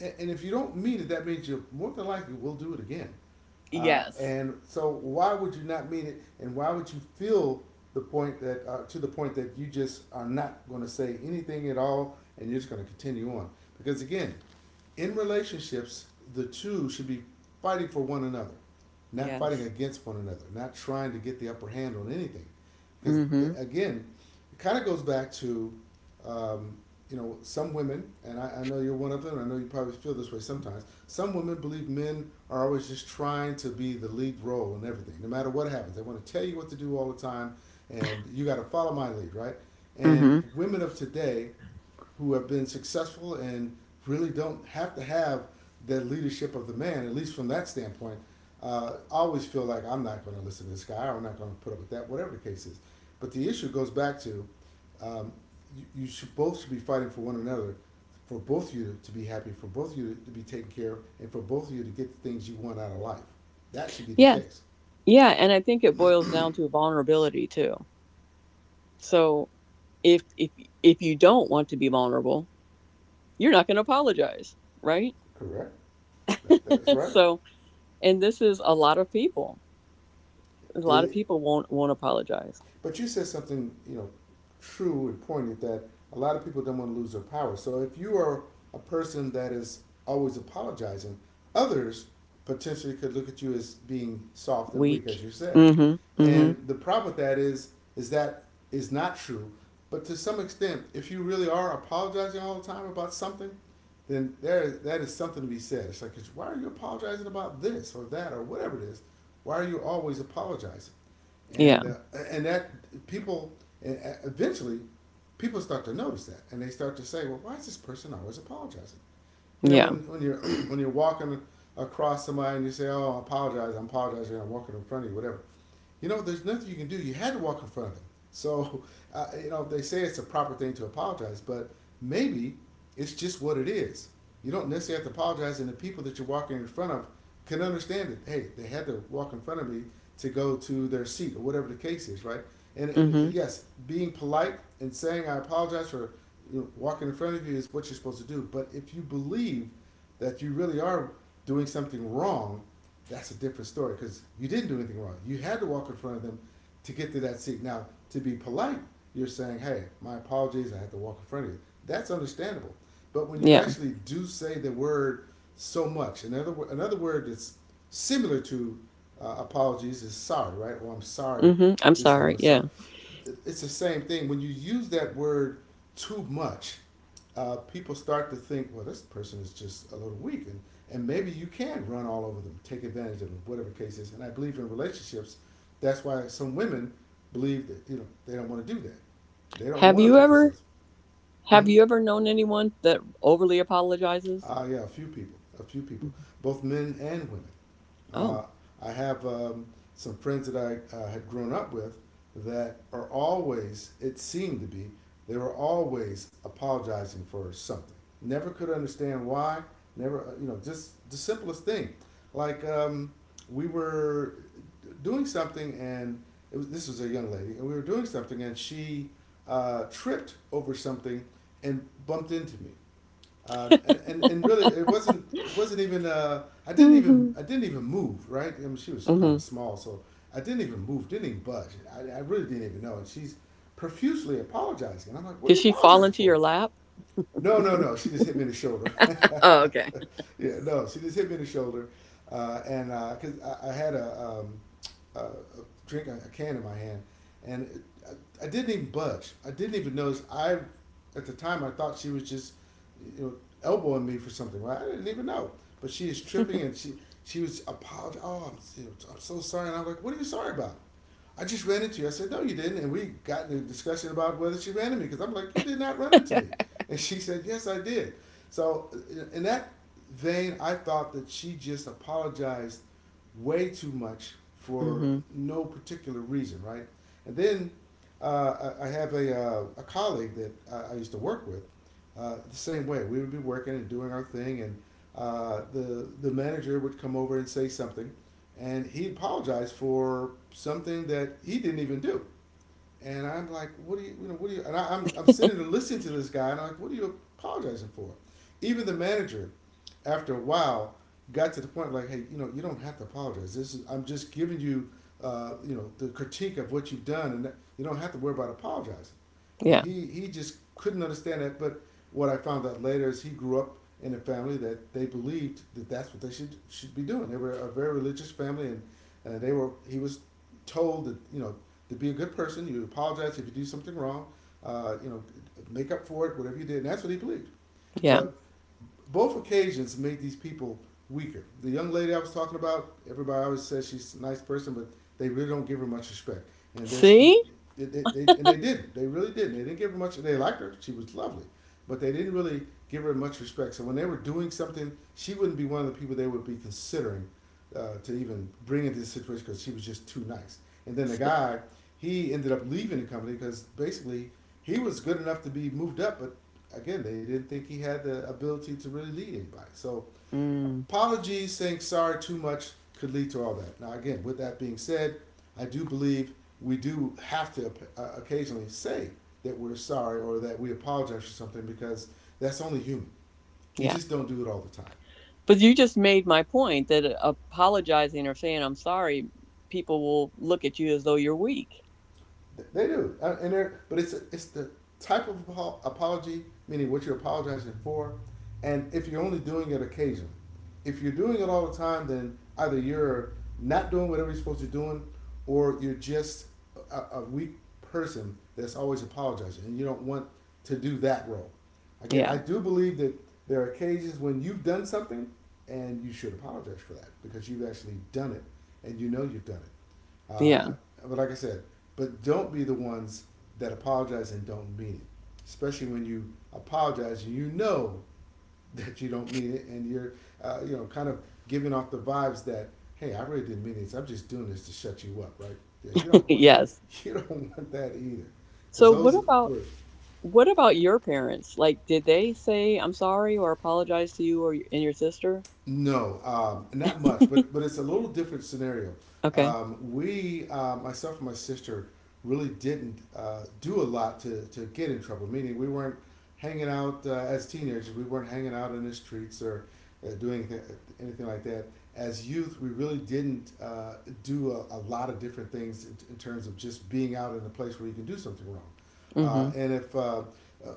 And if you don't meet it, that means you more than likely will do it again.
Yes,
And so, why would you not meet it? And why would you feel the point that to the point that you just are not going to say anything at all, and you're just going to continue on? Because again, in relationships, the two should be fighting for one another, not fighting
yes.
against one another, not trying to get the upper hand on anything. Because
Mm-hmm.
again, it kind of goes back to, um, you know, some women, and I know you're one of them. I know you probably feel this way sometimes. Some women believe men are always just trying to be the lead role in everything, no matter what happens. They want to tell you what to do all the time, and you got to follow my lead, right? And
Mm-hmm.
women of today who have been successful and really don't have to have that leadership of the man, at least from that standpoint, I always feel like I'm not going to listen to this guy, or I'm not going to put up with that, whatever the case is. But the issue goes back to um, you should both should be fighting for one another, for both of you to be happy, for both of you to be taken care of, and for both of you to get the things you want out of life. That should be the
Yes.
case.
Yeah, and I think it boils down to vulnerability too. So if if you don't want to be vulnerable, you're not going to apologize, right?
Correct. That's right.
So, and this is a lot of people. A lot of
It
people won't apologize.
But you said something, you know, true and pointed, that a lot of people don't want to lose their power. So if you are a person that is always apologizing, others potentially could look at you as being soft and weak,
Weak.
as you said.
Mm-hmm. Mm-hmm.
And the problem with that is that is not true. But to some extent, if you really are apologizing all the time about something, then there that is something to be said. It's like, why are you apologizing about this or that or whatever it is? Why are you always apologizing?
Yeah.
And uh, and that people, eventually people start to notice that, and they start to say, "Well, why is this person always apologizing?" You know,
Yeah.
when you're when you're walking across somebody and you say, "Oh, I apologize, I am apologizing, I'm walking in front of you," whatever, you know, there's nothing you can do. You had to walk in front of them. So, you know, they say it's a proper thing to apologize, but maybe it's just what it is. You don't necessarily have to apologize, and the people that you're walking in front of can understand it. Hey, they had to walk in front of me to go to their seat or whatever the case is, right?
Mm-hmm.
And yes, being polite and saying I apologize for, you know, walking in front of you is what you're supposed to do. But if you believe that you really are doing something wrong, that's a different story, because you didn't do anything wrong. You had to walk in front of them to get to that seat. Now, to be polite, you're saying, hey, my apologies, I had to walk in front of you. That's understandable. But when you
Yeah.
actually do say the word so much, another word that's similar to apologies is sorry, right? Or I'm sorry
Mm-hmm. I'm
this happened.
sorry.
I'm sorry.
Yeah.
It's the same thing. When you use that word too much, people start to think, well, this person is just a little weak, and maybe you can run all over them, take advantage of them, whatever the case is. And I believe in relationships, that's why some women believe that they don't want to do that. They don't
Have
want to
you
put
ever?
themselves.
Have
Mm-hmm.
you ever known anyone that overly apologizes?
Yeah, a few people,
Mhm.
both men and women.
Oh.
Uh, I have some friends that I had grown up with that are always, it seemed to be, they were always apologizing for something. Never could understand why. Never, you know, just the simplest thing. Like we were doing something, and it was, this was a young lady, and we were doing something, and she tripped over something and bumped into me. Uh, and really, it wasn't even I didn't even
Mhm.
I didn't even move, right. I mean, she was kind of
Mhm.
small, so I didn't even move, didn't even budge. I really didn't even know. And she's profusely apologizing, and I'm like, "What
Did
are you
she fall
apologizing
into
for?"
your lap?
No, no, no. She just hit me in the shoulder.
Oh, okay.
yeah, no. She just hit me in the shoulder, and because I had a, a drink, a can in my hand, and it, I didn't even budge. I didn't even notice. I at the time I thought she was just, you know, elbowing me for something. Right? I didn't even know. But she is tripping, and she was apologizing. Oh, I'm, you know, I'm so sorry. And I'm like, what are you sorry about? I just ran into you. I said, no, you didn't. And we got in a discussion about whether she ran into me, because I'm like, you did not run into me. And she said, yes, I did. So that vein, I thought that she just apologized way too much for
Mhm.
no particular reason, right? And then I have a colleague that I used to work with the same way. We would be working and doing our thing, and the manager would come over and say something, and he apologized for something that he didn't even do. And I'm like, what do you, what do you? And I, I'm sitting and listening to this guy, and I'm like, what are you apologizing for? Even the manager, after a while got to the point like, hey, you know, you don't have to apologize. This is I'm just giving you, the critique of what you've done, and that, you don't have to worry about apologizing. And
Yeah.
he just couldn't understand that. But what I found out later is he grew up in a family that they believed that that's what they should be doing. They were a very religious family, and they were he was told that to be a good person, you apologize if you do something wrong, uh, you know, make up for it, whatever you did. And that's what he believed.
Yeah.
But both occasions made these people weaker. The young lady I was talking about, everybody always says she's a nice person, but they really don't give her much respect. And this,
See?
they, and they didn't. They really didn't. They didn't give her much. They liked her. She was lovely, but they didn't really give her much respect. So when they were doing something, she wouldn't be one of the people they would be considering to even bring into this situation because she was just too nice. And then the
S-
guy, he ended up leaving the company because basically he was good enough to be moved up, but again, they didn't think he had the ability to really lead anybody. So
Mm,
apologies, saying sorry too much could lead to all that. Now, again, with that being said, I do believe we do have to occasionally say that we're sorry or that we apologize for something because that's only human. You
yeah.
just don't do it all the time.
But you just made my point that apologizing or saying I'm sorry, people will look at you as though you're weak.
They do, and they're but it's the type of apology, meaning what you're apologizing for, and if you're only doing it occasionally. If you're doing it all the time, then either you're not doing whatever you're supposed to be doing, or you're just a weak person that's always apologizing, and you don't want to do that role. Again, I
Yeah.
do believe that there are occasions when you've done something and you should apologize for that because you've actually done it and you know you've done it.
Yeah.
Uh, but like I said, but don't be the ones that apologize and don't mean it. Especially when you apologize, you know that you don't mean it, and you're kind of giving off the vibes that, hey, I really didn't mean this. I'm just doing this to shut you up, right? Yeah, you don't want,
yes.
you don't want that either, because
So
those are worse.
what about your parents? Like did they say I'm sorry or apologize to you or and your sister?
No, not much, but it's a little different scenario.
okay.
Myself and my sister, really didn't do a lot to get in trouble. Meaning we weren't hanging out as teenagers. We weren't hanging out in the streets or doing anything, anything like that. As youth, we really didn't do a lot of different things in terms of just being out in a place where you can do something wrong. Uh,
Mhm.
and if uh, uh,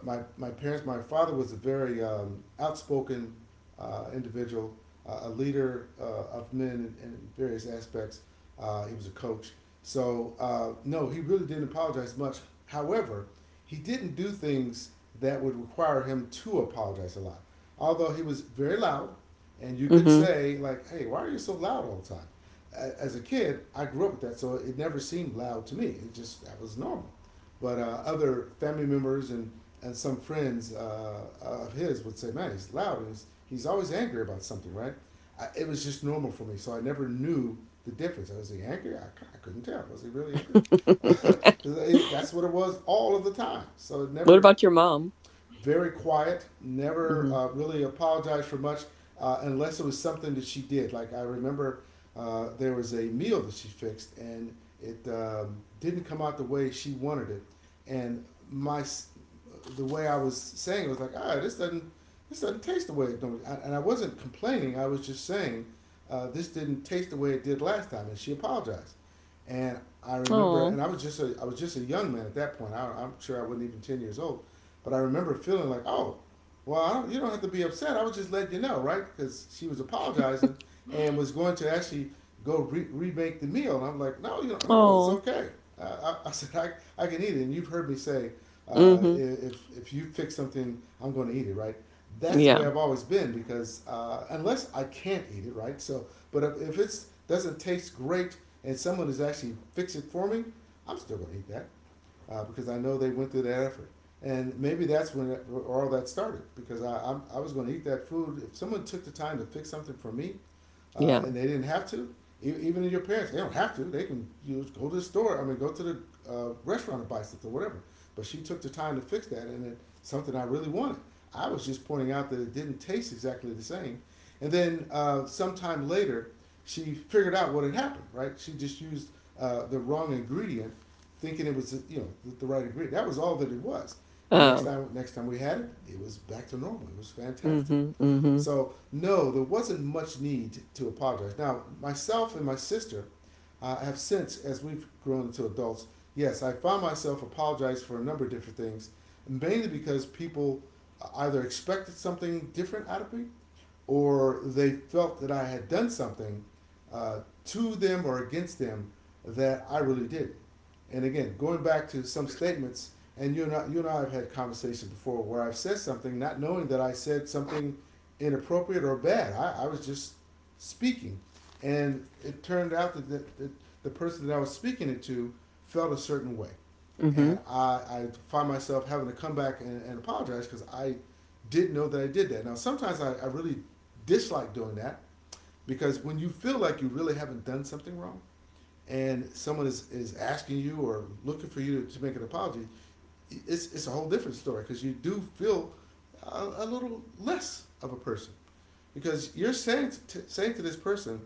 my parents, my father was a very outspoken individual, a leader of men in various aspects. He was a coach. So no, he really didn't apologize much. However, he didn't do things that would require him to apologize a lot. Although he was very loud, and you could
Hmm.
say, like, hey, why are you so loud all the time? As a kid, I grew up with that, so it never seemed loud to me. It just, that was normal. But other family members and some friends of his would say, "Man, he's loud. And he's always angry about something, right?" I, it was just normal for me, so I never knew the difference. Was he angry? I couldn't tell. Was he really angry? Uh, that's what it was all of the time. So it
What
never,
about your mom?
very quiet, never
Hmm.
really apologized for much unless it was something that she did. Like I remember there was a meal that she fixed and it didn't come out the way she wanted it. And my the way I was saying it was like, ah, this doesn't, this doesn't taste the way it don't. And I wasn't complaining. I was just saying this didn't taste the way it did last time. And she apologized. And I remember,
Oh,
and I was just a, I was just a young man at that point. I'm sure I wasn't even 10 years old. But I remember feeling like, oh, well, I don't, you don't have to be upset. I was just letting you know, right? Because she was apologizing and was going to actually remake the meal. And I'm like, no, you don't, no, it's
oh.
okay. I said, I can eat it. And you've heard me say,
Hmm.
if you fix something, I'm going to eat it, right? That's the way
Yeah,
I've always been because unless I can't eat it, right? So, but if it doesn't taste great and someone is actually fix it for me, I'm still going to eat that because I know they went through that effort. And maybe that's when all that started because I was going to eat that food. If someone took the time to fix something for me
yeah.
and they didn't have to, e- even in your parents, they don't have to. They can go to the store, I mean, go to the restaurant and buy something, whatever. But she took the time to fix that and it's something I really wanted. I was just pointing out that it didn't taste exactly the same. And then sometime later, she figured out what had happened, right? She just used the wrong ingredient thinking it was the right ingredient. That was all that it was. The
Oh.
next time we had it, it was back to normal. It was fantastic.
Hmm. Hmm.
So no, there wasn't much need to apologize. Now myself and my sister have since, as we've grown into adults, yes, I found myself apologize for a number of different things, mainly because people either expected something different out of me or they felt that I had done something uh, to them or against them that I really did. And again, going back to some statements, and you and I have had conversations before where I've said something not knowing that I said something inappropriate or bad. I was just speaking, and it turned out that that the person that I was speaking it to felt a certain way
Hmm.
and I find myself having to come back and apologize because I didn't know that I did that. Now, sometimes I really dislike doing that because when you feel like you really haven't done something wrong and someone is asking you or looking for you to make an apology, it's a whole different story because you do feel a little less of a person because you're saying to this person,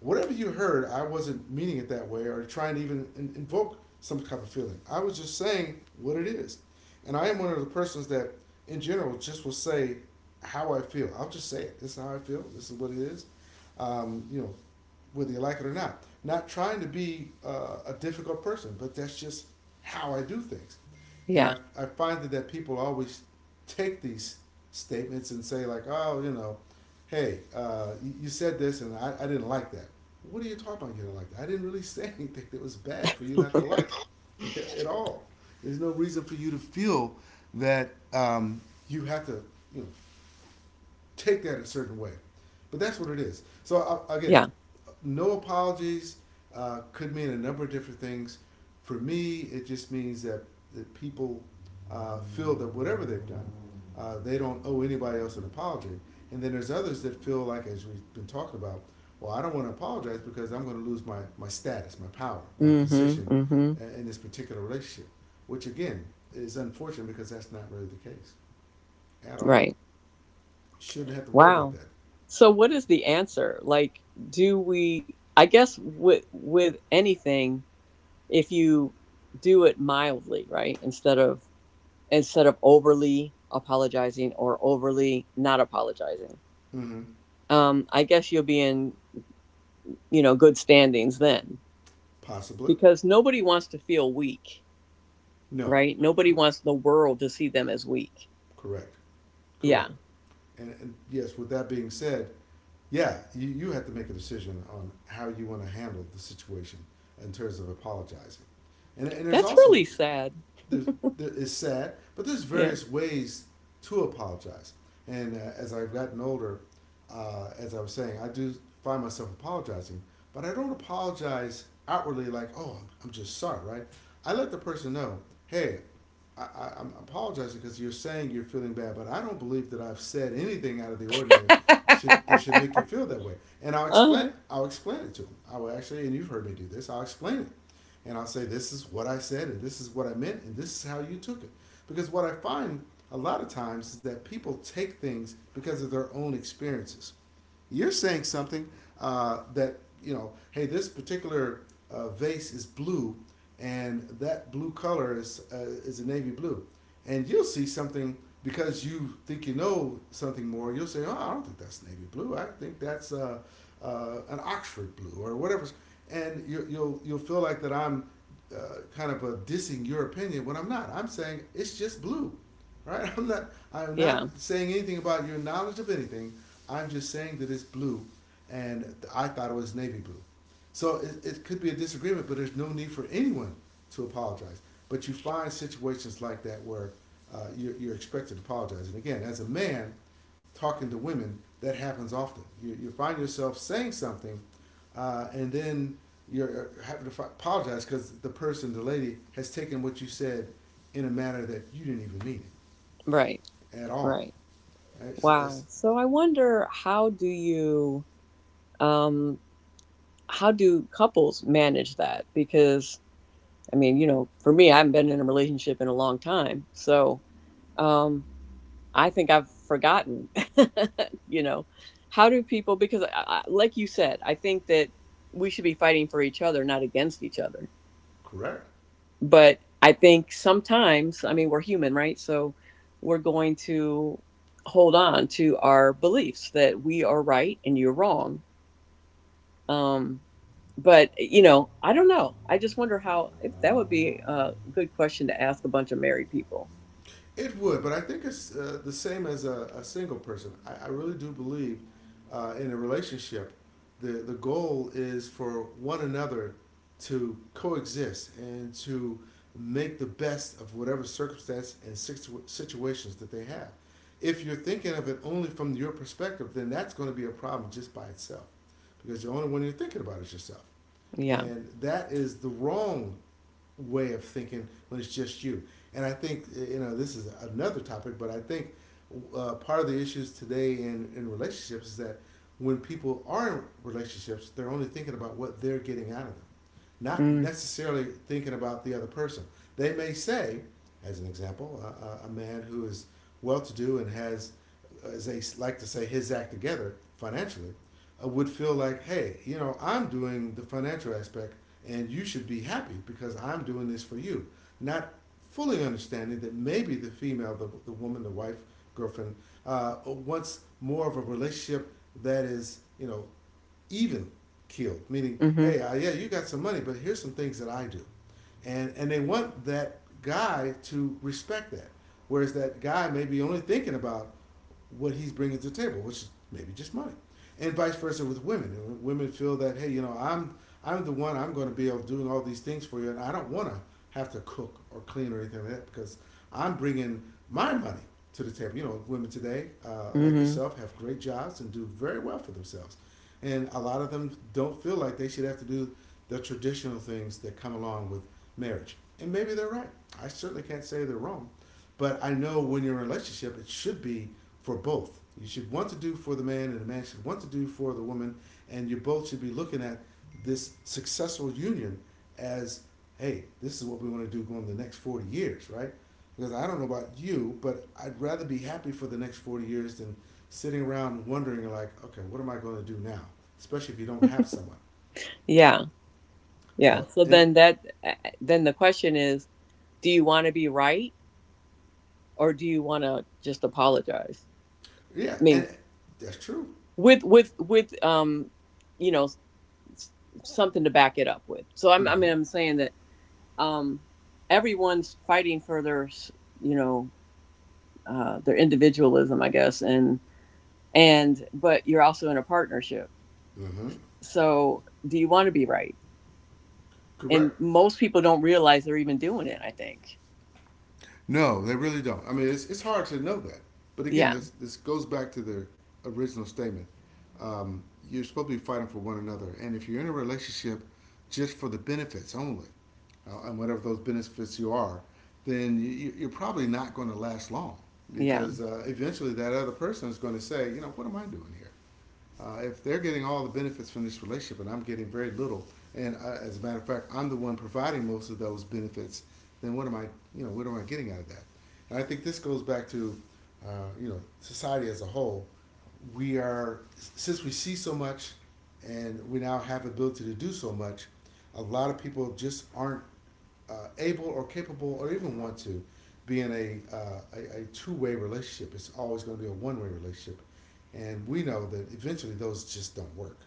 whatever you heard, I wasn't meaning it that way or trying to even invoke some kind of feeling. I was just saying what it is. And I am one of the persons that, in general, just will say how I feel. I'll just say it. This is how I feel. This is what it is. Um, you know, Whether you like it or not. Not trying to be a difficult person, but that's just how I do things. And
Yeah,
I find that, that people always take these statements and say, like, oh, hey, you, you said this and I didn't like that. What are you talking about? You didn't like that? I didn't really say anything that was bad for you not to like at all. There's no reason for you to feel that you have to you know, take that a certain way. But that's what it is. So I, again,
yeah.
no apologies could mean a number of different things. For me, it just means that that people feel that whatever they've done, they don't owe anybody else an apology. And then there's others that feel like, as we've been talking about, well, I don't want to apologize because I'm going to lose my, my status, my power, my
Hmm.
position
Hmm.
in this particular relationship, which again is unfortunate because that's not really the case at all.
Right.
You shouldn't have to worry about
Wow.
that.
So, what is the answer? Like, do we? I guess with anything, if you do it mildly, right, instead of overly apologizing or overly not apologizing,
Mm-hmm.
I guess you'll be in, you know, good standings then,
Possibly.
because nobody wants to feel weak,
No.
right? Nobody
Cor-
wants the world to see them as weak.
correct. Correct.
Yeah.
And yes, with that being said, yeah, you have to make a decision on how you want to handle the situation in terms of apologizing. And there's
That's
also
really sad.
there's, it's sad, but there's
Yeah.
various ways to apologize. And as I've gotten older, as I was saying, I do find myself apologizing, but I don't apologize outwardly like, oh, I'm just sorry, right? I let the person know, hey, I'm apologizing because you're saying you're feeling bad, but I don't believe that I've said anything out of the ordinary should that should make you feel that way. And
Uh-huh.
I'll explain it to them. I will actually, and you've heard me do this. I'll explain it and I'll say, this is what I said, and this is what I meant, and this is how you took it. Because what I find a lot of times is that people take things because of their own experiences. You're saying something uh, that, hey, this particular vase is blue and that blue color is a navy blue, and you'll see something because you think you know something more. You'll say, "Oh, I don't think that's navy blue. I think that's an Oxford blue or whatever," and you'll feel like that I'm kind of a dissing your opinion when I'm not. I'm saying it's just blue, right? I'm not
Yeah.
saying anything about your knowledge of anything. I'm just saying that it's blue, and I thought it was navy blue. So it could be a disagreement, but there's no need for anyone to apologize. But you find situations like that where you're expected to apologize. And again, as a man talking to women, that happens often. You find yourself saying something, and then you're having to apologize because the person, the lady, has taken what you said in a manner that you didn't even mean it
Right.
at all.
Right. Wow.
That's
So I wonder how do you um how do couples manage that? Because I mean, you know, for me, I haven't been in a relationship in a long time. So, um I think I've forgotten, you know, how do people, because like you said, I think that we should be fighting for each other, not against each other.
correct.
But I think sometimes, I mean, we're human, right? So we're going to hold on to our beliefs that we are right and you're wrong. Um, but you know, I don't know. I just wonder how, if that would be a good question to ask a bunch of married people.
It would, but I think it's the same as a single person. I really do believe in a relationship, the goal is for one another to coexist and to make the best of whatever circumstance and situations that they have. If you're thinking of it only from your perspective, then that's going to be a problem just by itself because the only one you're thinking about is yourself.
Yeah.
And that is the wrong way of thinking when it's just you. And I think you know this is another topic, but I think part of the issues today in relationships is that when people are in relationships, they're only thinking about what they're getting out of them, not
Mm,
necessarily thinking about the other person. They may say, as an example, a man who is well-to-do and has, as they like to say, his act together financially, would feel like, hey, you know, I'm doing the financial aspect and you should be happy because I'm doing this for you. Not fully understanding that maybe the female, the woman, the wife, girlfriend, wants more of a relationship that is, you know, even killed, meaning,
mm-hmm.
hey, yeah, you got some money, but here's some things that I do, and they want that guy to respect that, whereas that guy may be only thinking about what he's bringing to the table, which is maybe just money, and vice versa with women. And women feel that hey, you know, I'm the one I'm going to be able doing all these things for you, and I don't want to have to cook or clean or anything like that because I'm bringing my money to the table. You know, women today, like
Mm-hmm.
yourself, have great jobs and do very well for themselves and a lot of them don't feel like they should have to do the traditional things that come along with marriage. And maybe they're right. I certainly can't say they're wrong, but I know when you're in a relationship, it should be for both. You should want to do for the man, and the man should want to do for the woman, and you both should be looking at this successful union as, hey, this is what we want to do going the next 40 years, right? Because I don't know about you, but I'd rather be happy for the next 40 years than sitting around wondering like, okay, what am I going to do now? Especially if you don't have someone.
Yeah. Yeah.
So
So
and
then that then the question is, do you want to be right or do you want to just apologize?
yeah,
I
and
mean,
that's true.
with you know, s- something to back it up with. So I
Mm-hmm.
mean I'm saying that um everyone's fighting for their you know, their individualism, I guess, and but you're also in a partnership.
Mm-hmm.
So do you want to be right? And
Correct.
most people don't realize they're even doing it, I think.
No, they really don't. I mean, it's hard to know that. But again,
Yeah.
this goes back to the original statement. Um, you're supposed to be fighting for one another, and if you're in a relationship just for the benefits only, and whatever those benefits you are, then you're probably not going to last long
Yeah.
because eventually that other person is going to say, you know, what am I doing here? If they're getting all the benefits from this relationship and I'm getting very little, and as a matter of fact, I'm the one providing most of those benefits, then what am I, you know, what am I getting out of that? And I think this goes back to, you know, society as a whole. We are since we see so much, and we now have the ability to do so much. A lot of people just aren't able or capable or even want to be in a two-way relationship. It's always going to be a one way relationship. And we know that eventually those just don't work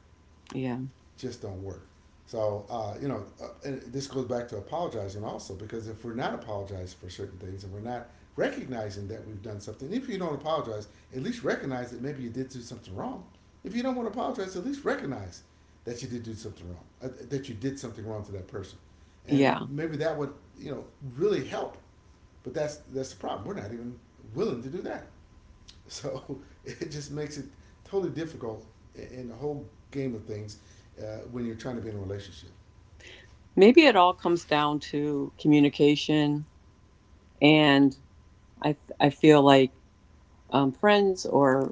Yeah.
just don't work. So you know, and this goes back to apologizing also because if we're not apologizing for certain things and we're not recognizing that we've done something, if you don't apologize, at least recognize that maybe you did do something wrong. If you don't want to apologize, at least recognize that you did do something wrong, that you did something wrong to that person, and
Yeah.
maybe that would you know really help. But that's the problem. We're not even willing to do that. So it just makes it totally difficult in the whole game of things when you're trying to be in a relationship.
Maybe it all comes down to communication, and I feel like friends or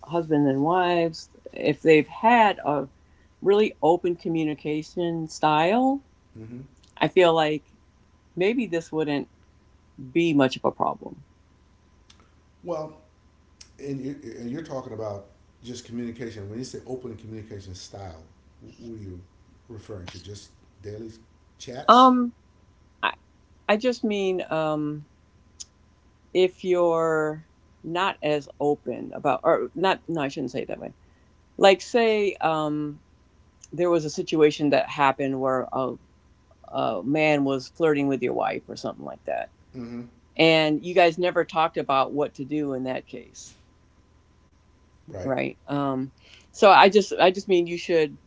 husbands and wives, if they've had a really open communication style,
Hmm.
I feel like maybe this wouldn't be much of a problem.
Well, and you and you're talking about just communication. When you say open communication style, what are you referring to? Just daily chats?
Um, I, I just mean if you're not as open about, or not, no, I shouldn't say it that way. Like, say there was a situation that happened where a man was flirting with your wife or something like that.
Mm-hmm.
And you guys never talked about what to do in that case,
Right.
right? So I just mean you should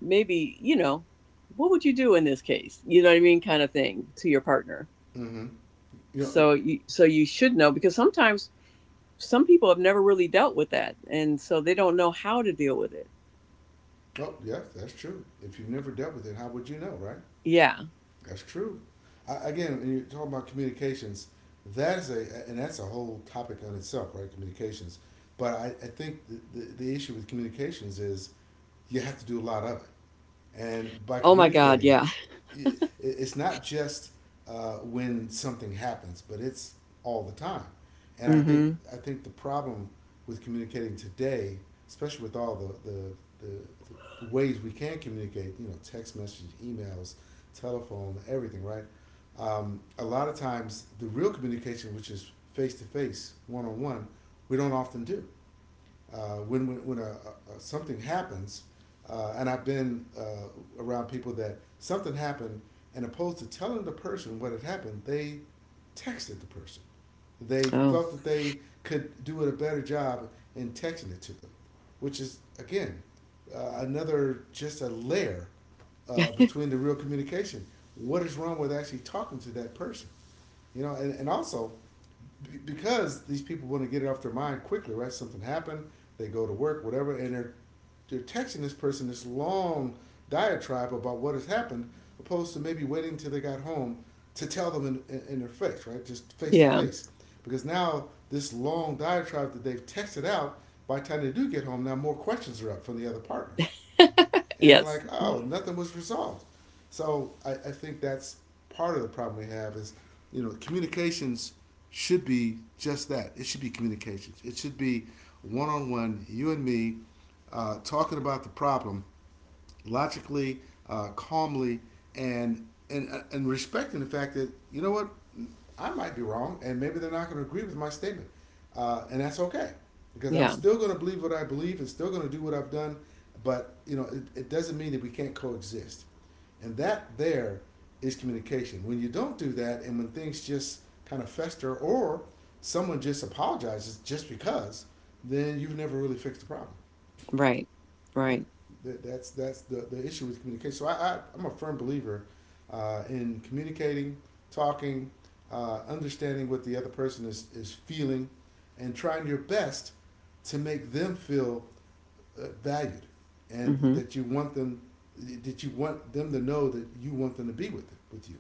maybe, you know, what would you do in this case? You know what I mean, kind of thing to your partner.
Mm-hmm. You know,
So you should know, because sometimes some people have never really dealt with that, and so they don't know how to deal with it.
oh yes, that's true. If you've never dealt with it, how would you know, right?
Yeah.
That's true. I, again, when you're talking about communications, that's a and that's a whole topic on itself, right? Communications. But I think the issue with communications is you have to do a lot of it. And by
Oh my God.
communicating,
Yeah.
it's not just when something happens, but it's all the time. And
Mm-hmm.
I think the problem with communicating today, especially with all the, the ways we can communicate, you know, text message, emails, telephone, everything, right? A lot of times, the real communication, which is face to face, one on one, we don't often do. When a something happens, and I've been around people that something happened, and opposed to telling the person what had happened, they texted the person. They
Oh.
felt that they could do it a better job in texting it to them, which is again another just a layer between the real communication. What is wrong with actually talking to that person? You know, and also because these people want to get it off their mind quickly, right? Something happened, they go to work, whatever, and they're texting this person this long diatribe about what has happened, opposed to maybe waiting until they got home to tell them in their face, right? Just face to
Yeah.
face. Because now this long diatribe that they've texted out, by the time they do get home, now more questions are up from the other partner and like
Yes.
oh nothing was resolved so I think that's part of the problem we have is you know communications should be just that, it should be communications, it should be one-on-one, you and me, talking about the problem logically, calmly, and and respecting the fact that you know what, I might be wrong, and maybe they're not going to agree with my statement, and that's okay, because I'm
Yeah.
still going to believe what I believe and still going to do what I've done, but you know it doesn't mean that we can't coexist, and that there is communication. When you don't do that, and when things just kind of fester, or someone just apologizes just because, then you've never really fixed the problem.
Right.
Right.
Right.
That's the issue with communication. So I'm a firm believer in communicating, talking, understanding what the other person is feeling, and trying your best to make them feel valued, and
Mm-hmm.
that you want them to know that you want them to be with you.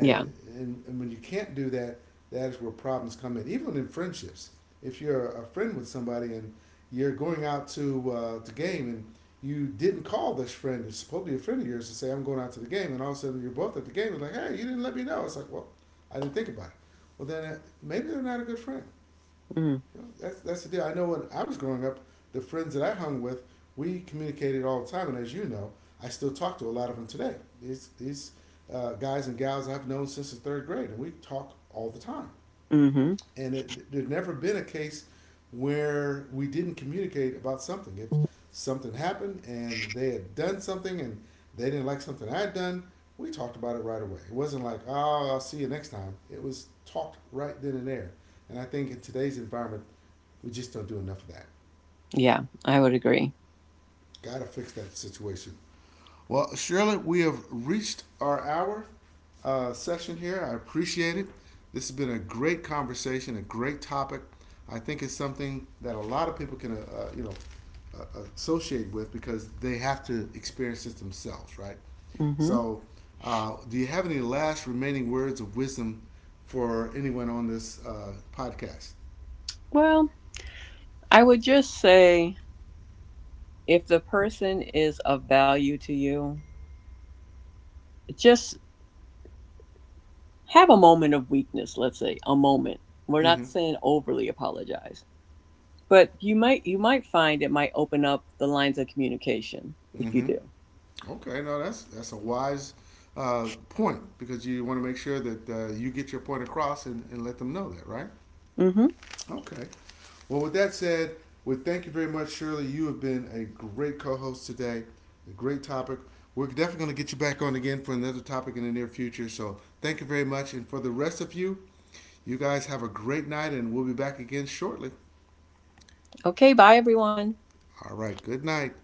Yeah.
and, And when you can't do that, that is where problems come in, even in friendships. If you're a friend with somebody and you're going out to game and you didn't call this friend, it's supposed to be a friend of yours, to say, I'm going out to the game, and all of a sudden you're both at the game, and like, hey, you didn't let me know. It's like, well, I didn't think about it. Well, then maybe they're not a good friend.
Mm.
You know, that's the deal. I know when I was growing up, the friends that I hung with, we communicated all the time, and as you know, I still talk to a lot of them today. These guys and gals I've known since the third grade, and we talk all the time
Hmm.
and it, there'd never been a case where we didn't communicate about something. If something happened and they had done something and they didn't like something I had done, we talked about it right away. It wasn't like, oh, I'll see you next time. It was talked right then and there. And I think in today's environment, we just don't do enough of that.
Yeah, I would agree.
Got to fix that situation. Well, Shirley, we have reached our hour session here. I appreciate it. This has been a great conversation, a great topic. I think it's something that a lot of people can, you know, associate with because they have to experience this themselves, right?
Hmm.
So, do you have any last remaining words of wisdom for anyone on this podcast?
Well, I would just say if the person is of value to you, just have a moment of weakness, let's say, a moment. We're not
Mm-hmm.
saying overly apologize, but you might find it might open up the lines of communication if you
Mm-hmm.
do.
Okay, no, that's a wise point because you want to make sure that you get your point across, and let them know that, right?
Hmm.
Okay. Well, with that said, we thank you very much, Shirley. You have been a great co-host today. A great topic. We're definitely going to get you back on again for another topic in the near future. So thank you very much, and for the rest of you, you guys have a great night, and we'll be back again shortly.
Okay, bye everyone.
All right. Good night.